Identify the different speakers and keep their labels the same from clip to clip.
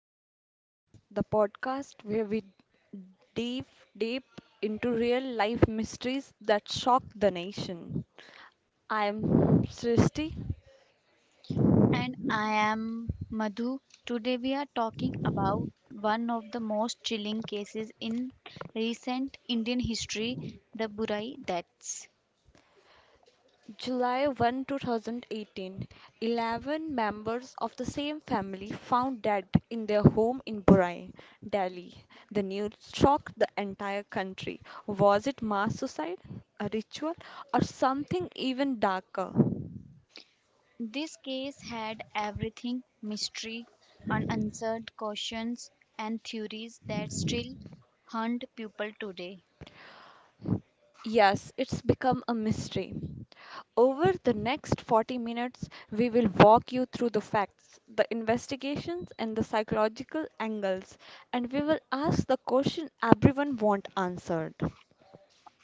Speaker 1: to our podcast, the podcast where we dive deep into real life mysteries that shock the nation. I am Srishti.
Speaker 2: And I am Madhu. Today we are talking about one of the most chilling cases in recent Indian history, the Burai deaths.
Speaker 1: July 1, 2018, 11 members of the same family found dead in their home in Burai, Delhi. The news shocked the entire country. Was it mass suicide, a ritual, or something even darker?
Speaker 2: This case had everything mystery, unanswered questions, and theories that still haunt people today.
Speaker 1: Yes, it's become a mystery. Over the next 40 minutes, we will walk you through the facts, the investigations, and the psychological angles, and we will ask the question everyone wants answered.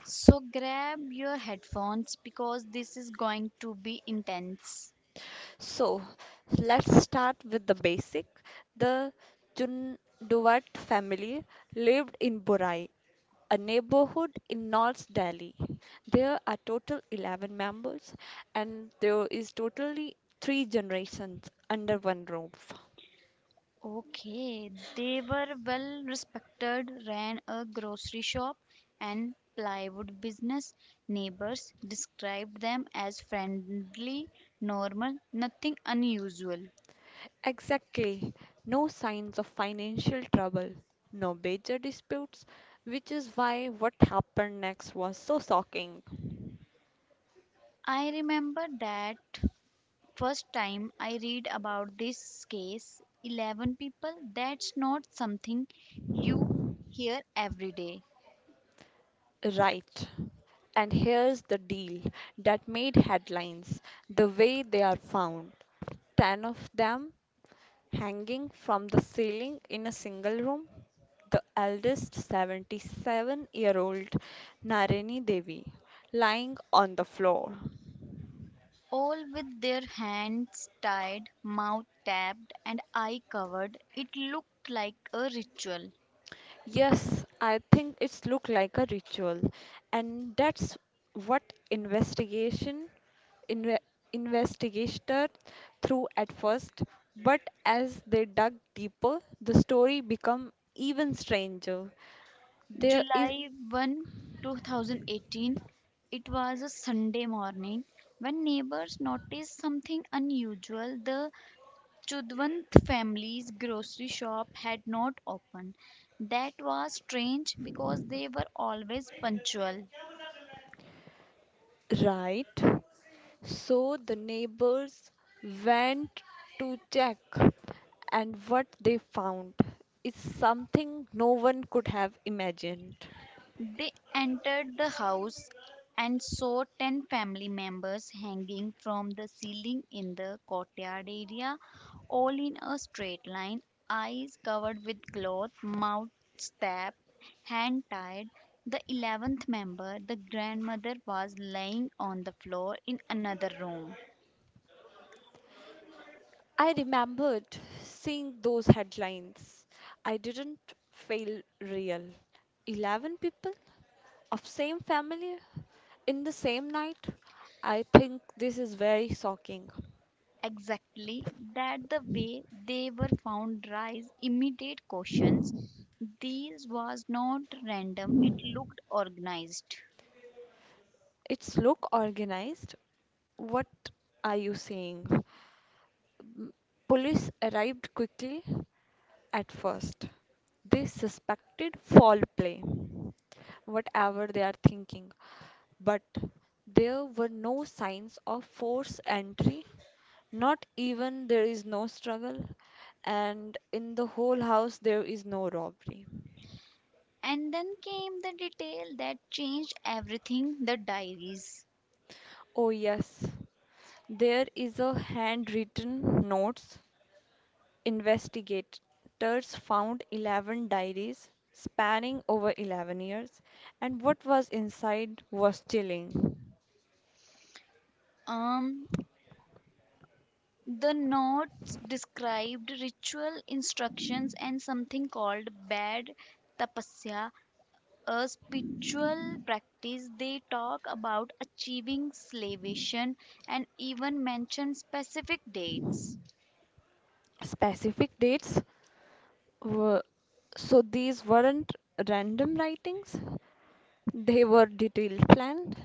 Speaker 2: So grab your headphones because this is going to be intense.
Speaker 1: So, let's start with the basic. The Chunduvat family lived in Borai, a neighborhood in North Delhi. There are total 11 members and there is totally three generations under one roof.
Speaker 2: Okay, they were well respected, ran a grocery shop and plywood business. Neighbors described them as friendly, normal, nothing unusual.
Speaker 1: Exactly. No signs of financial trouble, no major disputes, which is why what happened next was so shocking.
Speaker 2: I remember that first time I read about this case 11 people, that's not something you hear every day.
Speaker 1: Right. And here's the deal that made headlines, the way they are found. 10 of them hanging from the ceiling in a single room. The eldest, 77-year-old Nareni Devi, lying on the floor.
Speaker 2: All with their hands tied, mouth tapped, and eye covered, it looked like a ritual.
Speaker 1: Yes, I think it's looked like a ritual, and that's what investigation inve- investigated through at first. But as they dug deeper, the story became even stranger. There is
Speaker 2: July 1, 2018, it was a Sunday morning when neighbors noticed something unusual. The Chudwant family's grocery shop had not opened. That was strange because they were always punctual.
Speaker 1: right. So the neighbors went to check, and what they found is something no one could have imagined.
Speaker 2: They entered the house and saw 10 family members hanging from the ceiling in the courtyard area, all in a straight line, eyes covered with cloth, mouth stabbed, hand tied. The 11th member, the grandmother, was lying on the floor in another room.
Speaker 1: I remembered seeing those headlines. I didn't feel real. 11 people of same family in the same night. I think this is very shocking.
Speaker 2: Exactly, that the way they were found raised immediate questions. This was not random, it looked organized.
Speaker 1: It's look organized. What are you saying? M- Police arrived quickly at first. They suspected foul play, whatever they are thinking, but there were no signs of forced entry, not even there is no struggle, and in the whole house there is no robbery.
Speaker 2: And then came the detail that changed everything, the diaries.
Speaker 1: Oh, yes, there is a handwritten notes. Investigators found 11 diaries spanning over 11 years, and what was inside was chilling.
Speaker 2: um the notes described ritual instructions and something called bad tapasya, a spiritual practice. They talk about achieving salvation and even mention specific dates.
Speaker 1: Specific dates were, so these weren't random writings, they were detailed planned.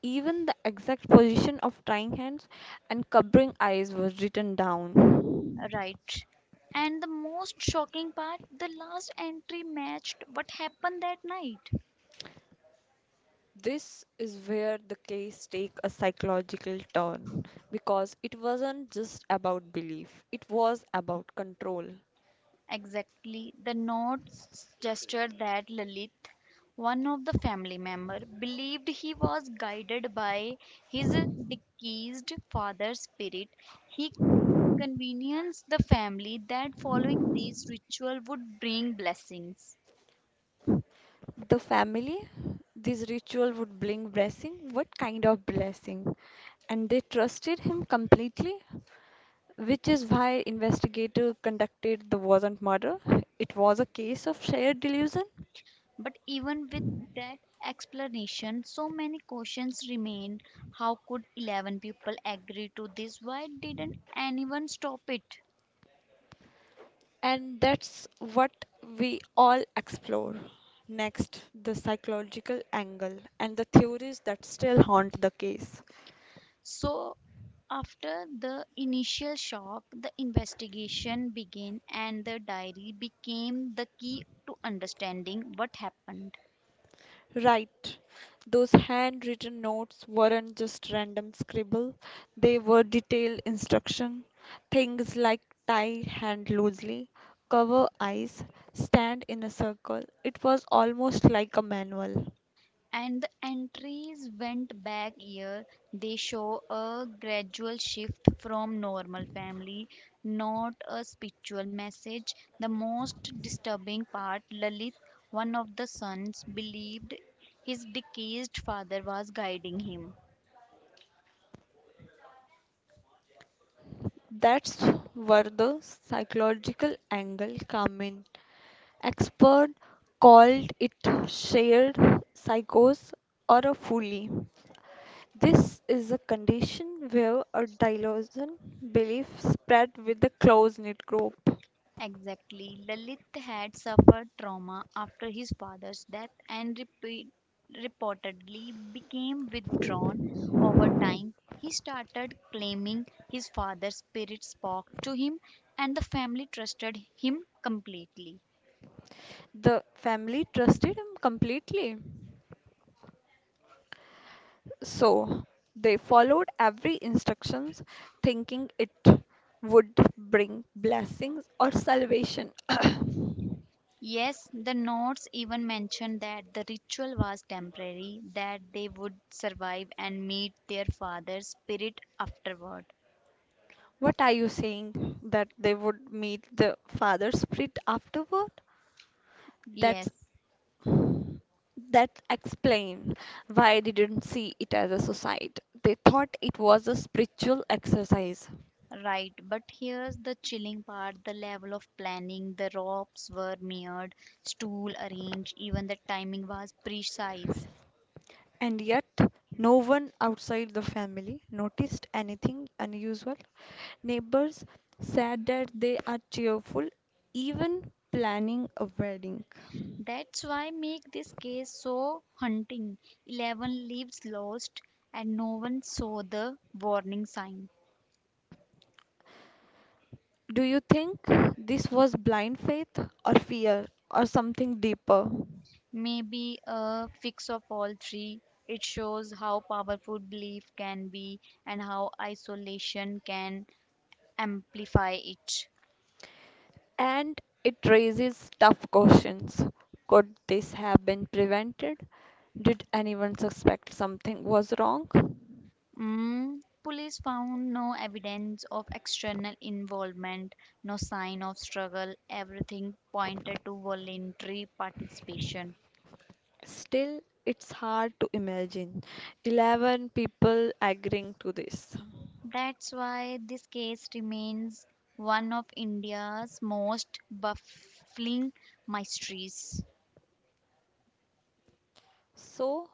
Speaker 1: Even the exact position of tying hands and covering eyes was written down.
Speaker 2: Right. And the most shocking part, the last entry matched what happened that night.
Speaker 1: This is where the case take a psychological turn because it wasn't just about belief, it was about control.
Speaker 2: Exactly. The notes suggested that Lalit, one of the family member, believed he was guided by his deceased father's spirit. He convenience the family that following these ritual would bring blessings.
Speaker 1: The family, this ritual would bring blessing. What kind of blessing? And they trusted him completely, which is why investigator conducted the wasn't murder. It was a case of shared delusion.
Speaker 2: But even with that explanation, so many questions remain. How could 11 people agree to this? Why didn't anyone stop it?
Speaker 1: And that's what we all explore. Next, the psychological angle and the theories that still haunt the case.
Speaker 2: So after the initial shock, the investigation began and the diary became the key to understanding what happened.
Speaker 1: Right, those handwritten notes weren't just random scribble, they were detailed instruction. Things like tie hand loosely, cover eyes, stand in a circle. It was almost like a manual.
Speaker 2: And the entries went back year, they show a gradual shift from normal family, not a spiritual message. The most disturbing part, Lalit, one of the sons, believed his deceased father was guiding him.
Speaker 1: That's where the psychological angle come in. Experts called it shared psychosis or a folly. This is a condition where a delusion belief spread with a close knit group.
Speaker 2: Exactly. Lalit had suffered trauma after his father's death and reportedly became withdrawn over time. He started claiming his father's spirit spoke to him, and the family trusted him completely.
Speaker 1: The family trusted him completely. So they followed every instructions thinking it would bring blessings or salvation.
Speaker 2: Yes, the notes even mention that the ritual was temporary, that they would survive and meet their father's spirit afterward.
Speaker 1: What are you saying? That they would meet the father spirit afterward?
Speaker 2: Yes.
Speaker 1: That's, that explains why they didn't see it as a suicide. They thought it was a spiritual exercise.
Speaker 2: Right, but here's the chilling part, the level of planning. The ropes were mirrored, stool arranged, even the timing was precise.
Speaker 1: And yet, no one outside the family noticed anything unusual. Neighbors said that they are cheerful, even planning a wedding.
Speaker 2: That's why make this case so haunting. 11 lives lost and no one saw the warning sign.
Speaker 1: Do you think this was blind faith or fear or something deeper?
Speaker 2: Maybe a fix of all three. It shows how powerful belief can be and how isolation can amplify it.
Speaker 1: And it raises tough questions. Could this have been prevented? Did anyone suspect something was wrong?
Speaker 2: Mm, police found no evidence of external involvement, no sign of struggle. Everything pointed to voluntary participation.
Speaker 1: Still, it's hard to imagine 11 people agreeing to this.
Speaker 2: That's why this case remains one of India's most baffling mysteries.
Speaker 1: So,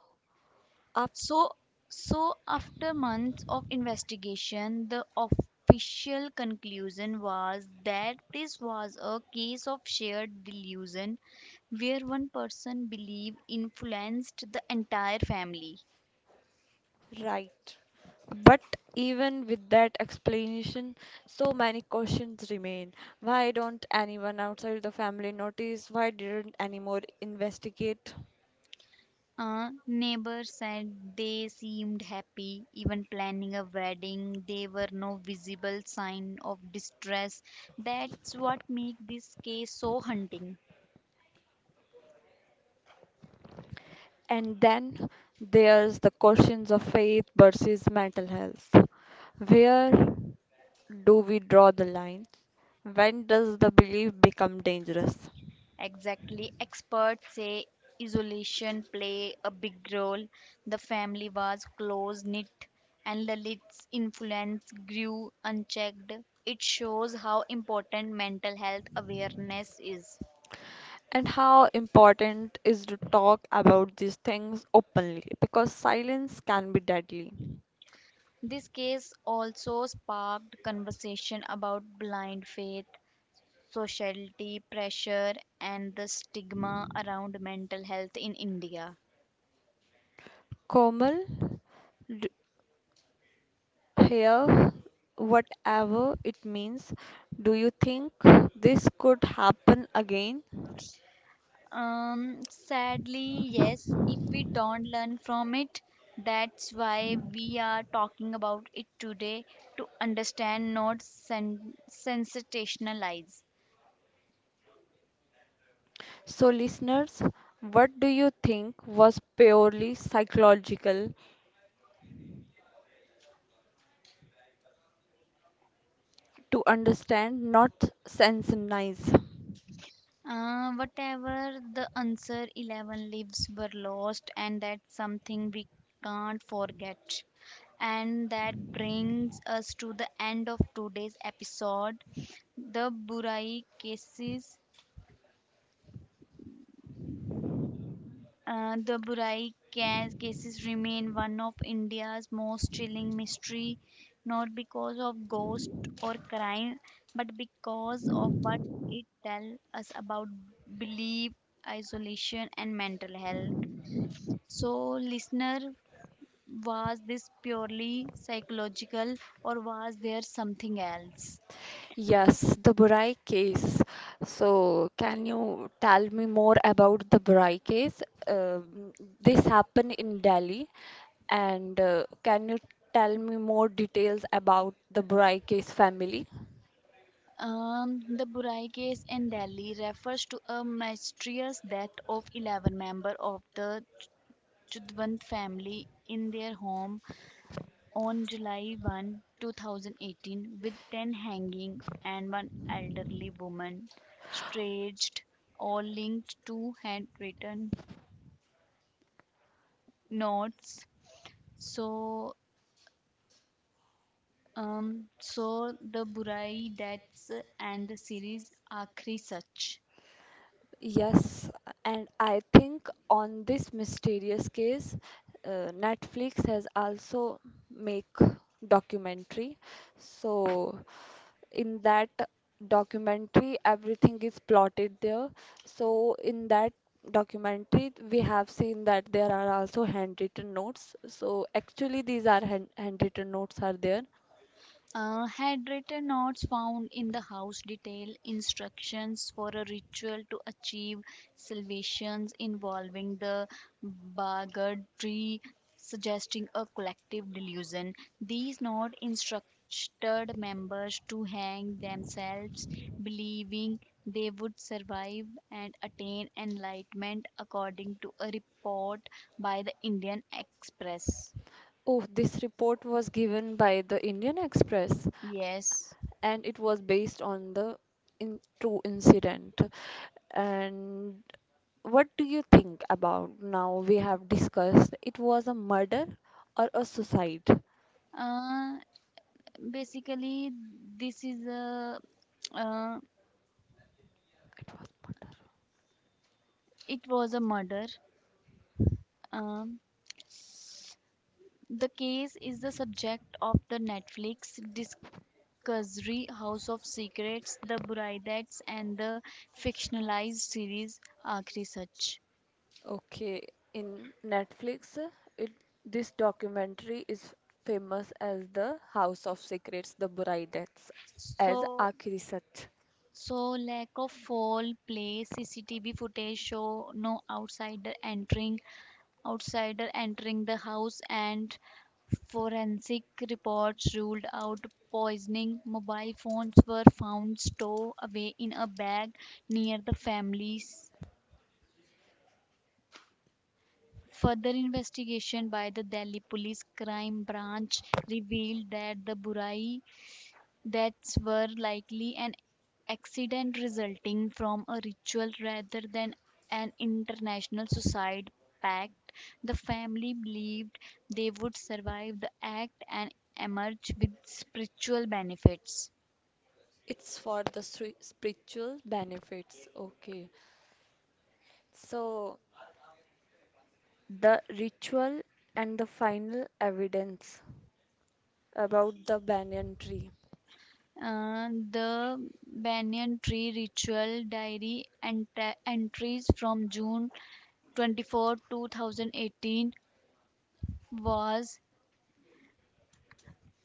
Speaker 1: up
Speaker 2: So, so after months of investigation, the official conclusion was that this was a case of shared delusion where one person believed influenced the entire family.
Speaker 1: right. But even with that explanation, so many questions remain. Why don't anyone outside the family notice? Why didn't anyone investigate?
Speaker 2: A neighbor said they seemed happy, even planning a wedding. There were no visible sign of distress. That's what makes this case so haunting.
Speaker 1: And then there's the questions of faith versus mental health. Where do we draw the line? When does the belief become dangerous?
Speaker 2: Exactly. Experts say isolation play a big role. The family was close knit and Lalit's influence grew unchecked. It shows how important mental health awareness is.
Speaker 1: And how important is to talk about these things openly because silence can be deadly.
Speaker 2: This case also sparked conversation about blind faith, society pressure and the stigma around mental health in India.
Speaker 1: Komal, d- here, whatever it means, do you think this could happen again?
Speaker 2: Sadly, yes, if we don't learn from it, that's why we are talking about it today, to understand, not sen- sensationalize.
Speaker 1: So, listeners, what do you think was purely psychological, to understand, not sensationalize?
Speaker 2: Whatever the answer, 11 lives were lost, and that's something we can't forget. And that brings us to the end of today's episode, the Burai cases. The cases remain one of India's most chilling mystery, not because of ghost or crime, but because of what it tells us about belief, isolation, and mental health. So, listener, was this purely psychological or was there something else?
Speaker 1: Yes, the Burai case. So, can you tell me more about the Burai case? Um this happened in Delhi, and can you tell me more details about the Burai case family?
Speaker 2: The Burai case in Delhi refers to a mysterious death of 11 members of the Chudwant family in their home on July 1, 2018, with 10 hanging and one elderly woman staged, all linked to handwritten notes. So, so the Burai deaths and the series Akhri Sach.
Speaker 1: Yes, and I think on this mysterious case, Netflix has also make documentary. So in that documentary, everything is plotted there. So in that documentary, we have seen that there are also handwritten notes. So actually, these are handwritten notes are there.
Speaker 2: Had written notes found in the house detail instructions for a ritual to achieve salvations involving the Bagad tree, suggesting a collective delusion. These notes instructed members to hang themselves, believing they would survive and attain enlightenment, according to a report by the Indian Express.
Speaker 1: Oh, this report was given by the Indian Express.
Speaker 2: Yes.
Speaker 1: And it was based on the in true incident. And what do you think about, now we have discussed, it was a murder or a suicide?
Speaker 2: Uh, basically this is a uh,
Speaker 1: It was murder.
Speaker 2: it was a murder. um, the case is the subject of the Netflix discovery House of Secrets: The Bride and the fictionalized series Arc Sach.
Speaker 1: Okay, in Netflix, it, this documentary is famous as The House of Secrets, The Brides, as
Speaker 2: So,
Speaker 1: Akhiri Sach.
Speaker 2: lack of fall play, CCTV footage show no outsider entering the house, and forensic reports ruled out poisoning. Mobile phones were found stowed away in a bag near the family's. Further investigation by the Delhi Police Crime Branch revealed that the Burai That were likely an accident resulting from a ritual rather than an international suicide pact. The family believed they would survive the act and emerge with spiritual benefits.
Speaker 1: It's for the spiritual benefits. Okay, so the ritual and the final evidence about the banyan tree.
Speaker 2: The banyan tree ritual diary entries from June 24, 2018 was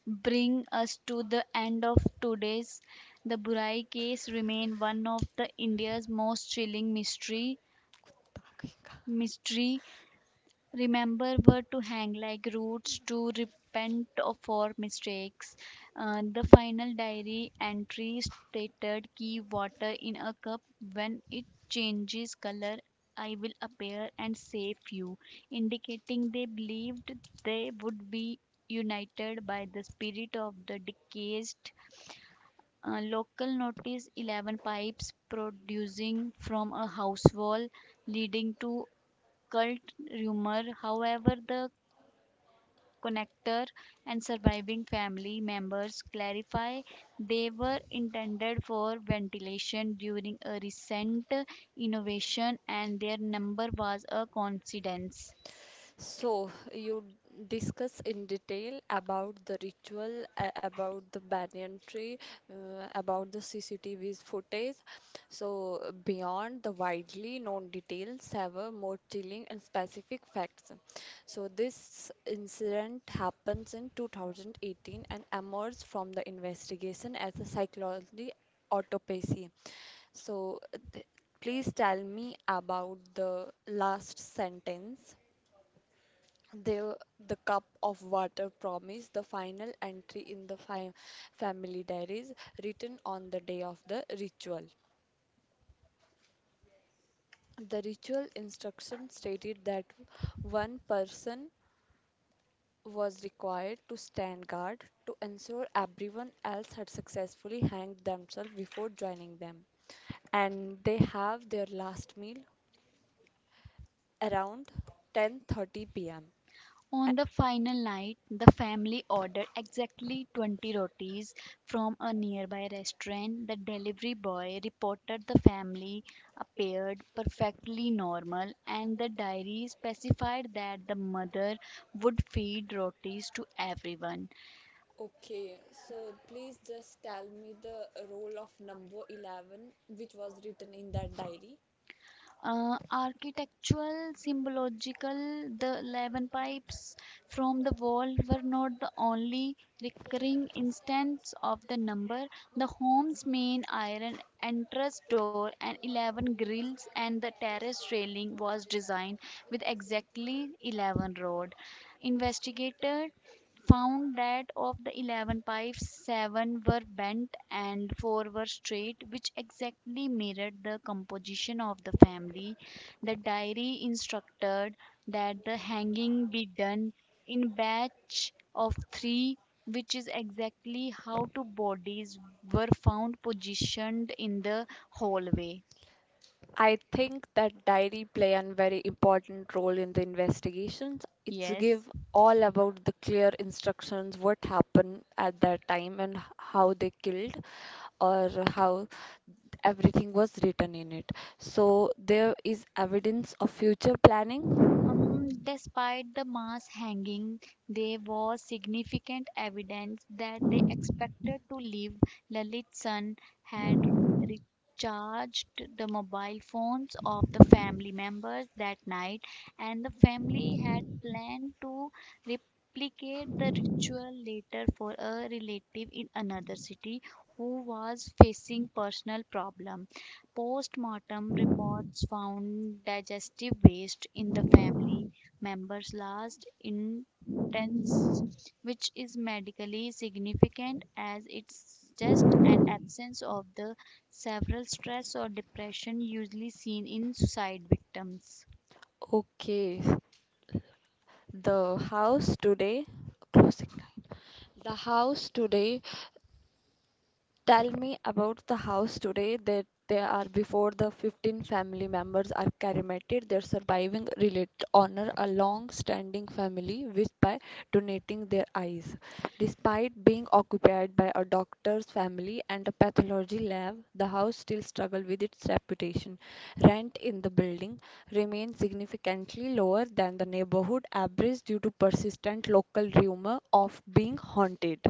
Speaker 2: bring us to the end of today's. The Burai case remain one of the India's most chilling mystery. Remember were to hang like roots to repent of for mistakes. The final diary entry stated, "Keep water in a cup, when it changes color I will appear and save you," indicating they believed they would be united by the spirit of the deceased. Local notice 11 pipes producing from a house wall, leading to cult rumor. However, the connector and surviving family members clarify they were intended for ventilation during a recent innovation and their number was a coincidence.
Speaker 1: So, you discuss in detail about the ritual, about the banyan tree, about the CCTV's footage. So, beyond the widely known details, have a more chilling and specific facts. So, this incident happens in 2018 and emerged from the investigation as a psychology autopsy. So th- please tell me about the last sentence. The the cup of water promise, the final entry in the family diaries written on the day of the ritual. The ritual instruction stated that one person was required to stand guard to ensure everyone else had successfully hanged themselves before joining them, and they have their last meal around 10:30 p.m.
Speaker 2: On the final night, the family ordered exactly 20 rotis from a nearby restaurant. The delivery boy reported the family appeared perfectly normal, and the diary specified that the mother would feed rotis to everyone.
Speaker 1: Okay, so please just tell me the role of number 11 which was written in that diary.
Speaker 2: Architectural, symbological, the 11 pipes from the wall were not the only recurring instance of the number. The home's main iron entrance door and 11 grills and the terrace railing was designed with exactly 11 rod. Investigator found that of the 11 pipes, 7 were bent and 4 were straight, which exactly mirrored the composition of the family. The diary instructed that the hanging be done in batch of 3, which is exactly how two bodies were found positioned in the hallway.
Speaker 1: I think that diary play a very important role in the investigations. It's
Speaker 2: Yes.
Speaker 1: give all about the clear instructions what happened at that time and how they killed or how everything was written in it. So there is evidence of future planning.
Speaker 2: Despite the mass hanging, there was significant evidence that they expected to live. Lalit's son had recharged the mobile phones of the family members that night, and the family had planned to replicate the ritual later for a relative in another city who was facing personal problems. Post-mortem reports found digestive waste in the family member's last intestines, which is medically significant as it suggests an absence of the severe stress or depression usually seen in suicide victims.
Speaker 1: Okay, the house today, closing line. The house today. Tell me about the house today, that they are before the 15 family members are cremated. Their surviving relatives honor a long-standing family which by donating their eyes. Despite being occupied by a doctor's family and a pathology lab, the house still struggles with its reputation. Rent in the building remains significantly lower than the neighborhood average due to persistent local rumor of being haunted.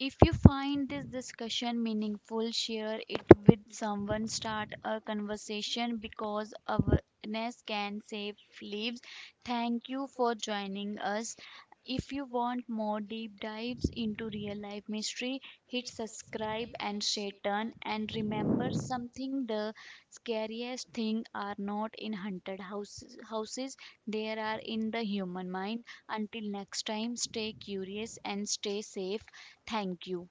Speaker 2: If you find this discussion meaningful, share it with someone, start a conversation because awareness can save lives. Thank you for joining us. If you want more deep dives into real life mystery, hit subscribe and stay tuned. And remember something, the scariest thing are not in haunted houses, they are in the human mind. Until next time, stay curious and stay safe. Thank you.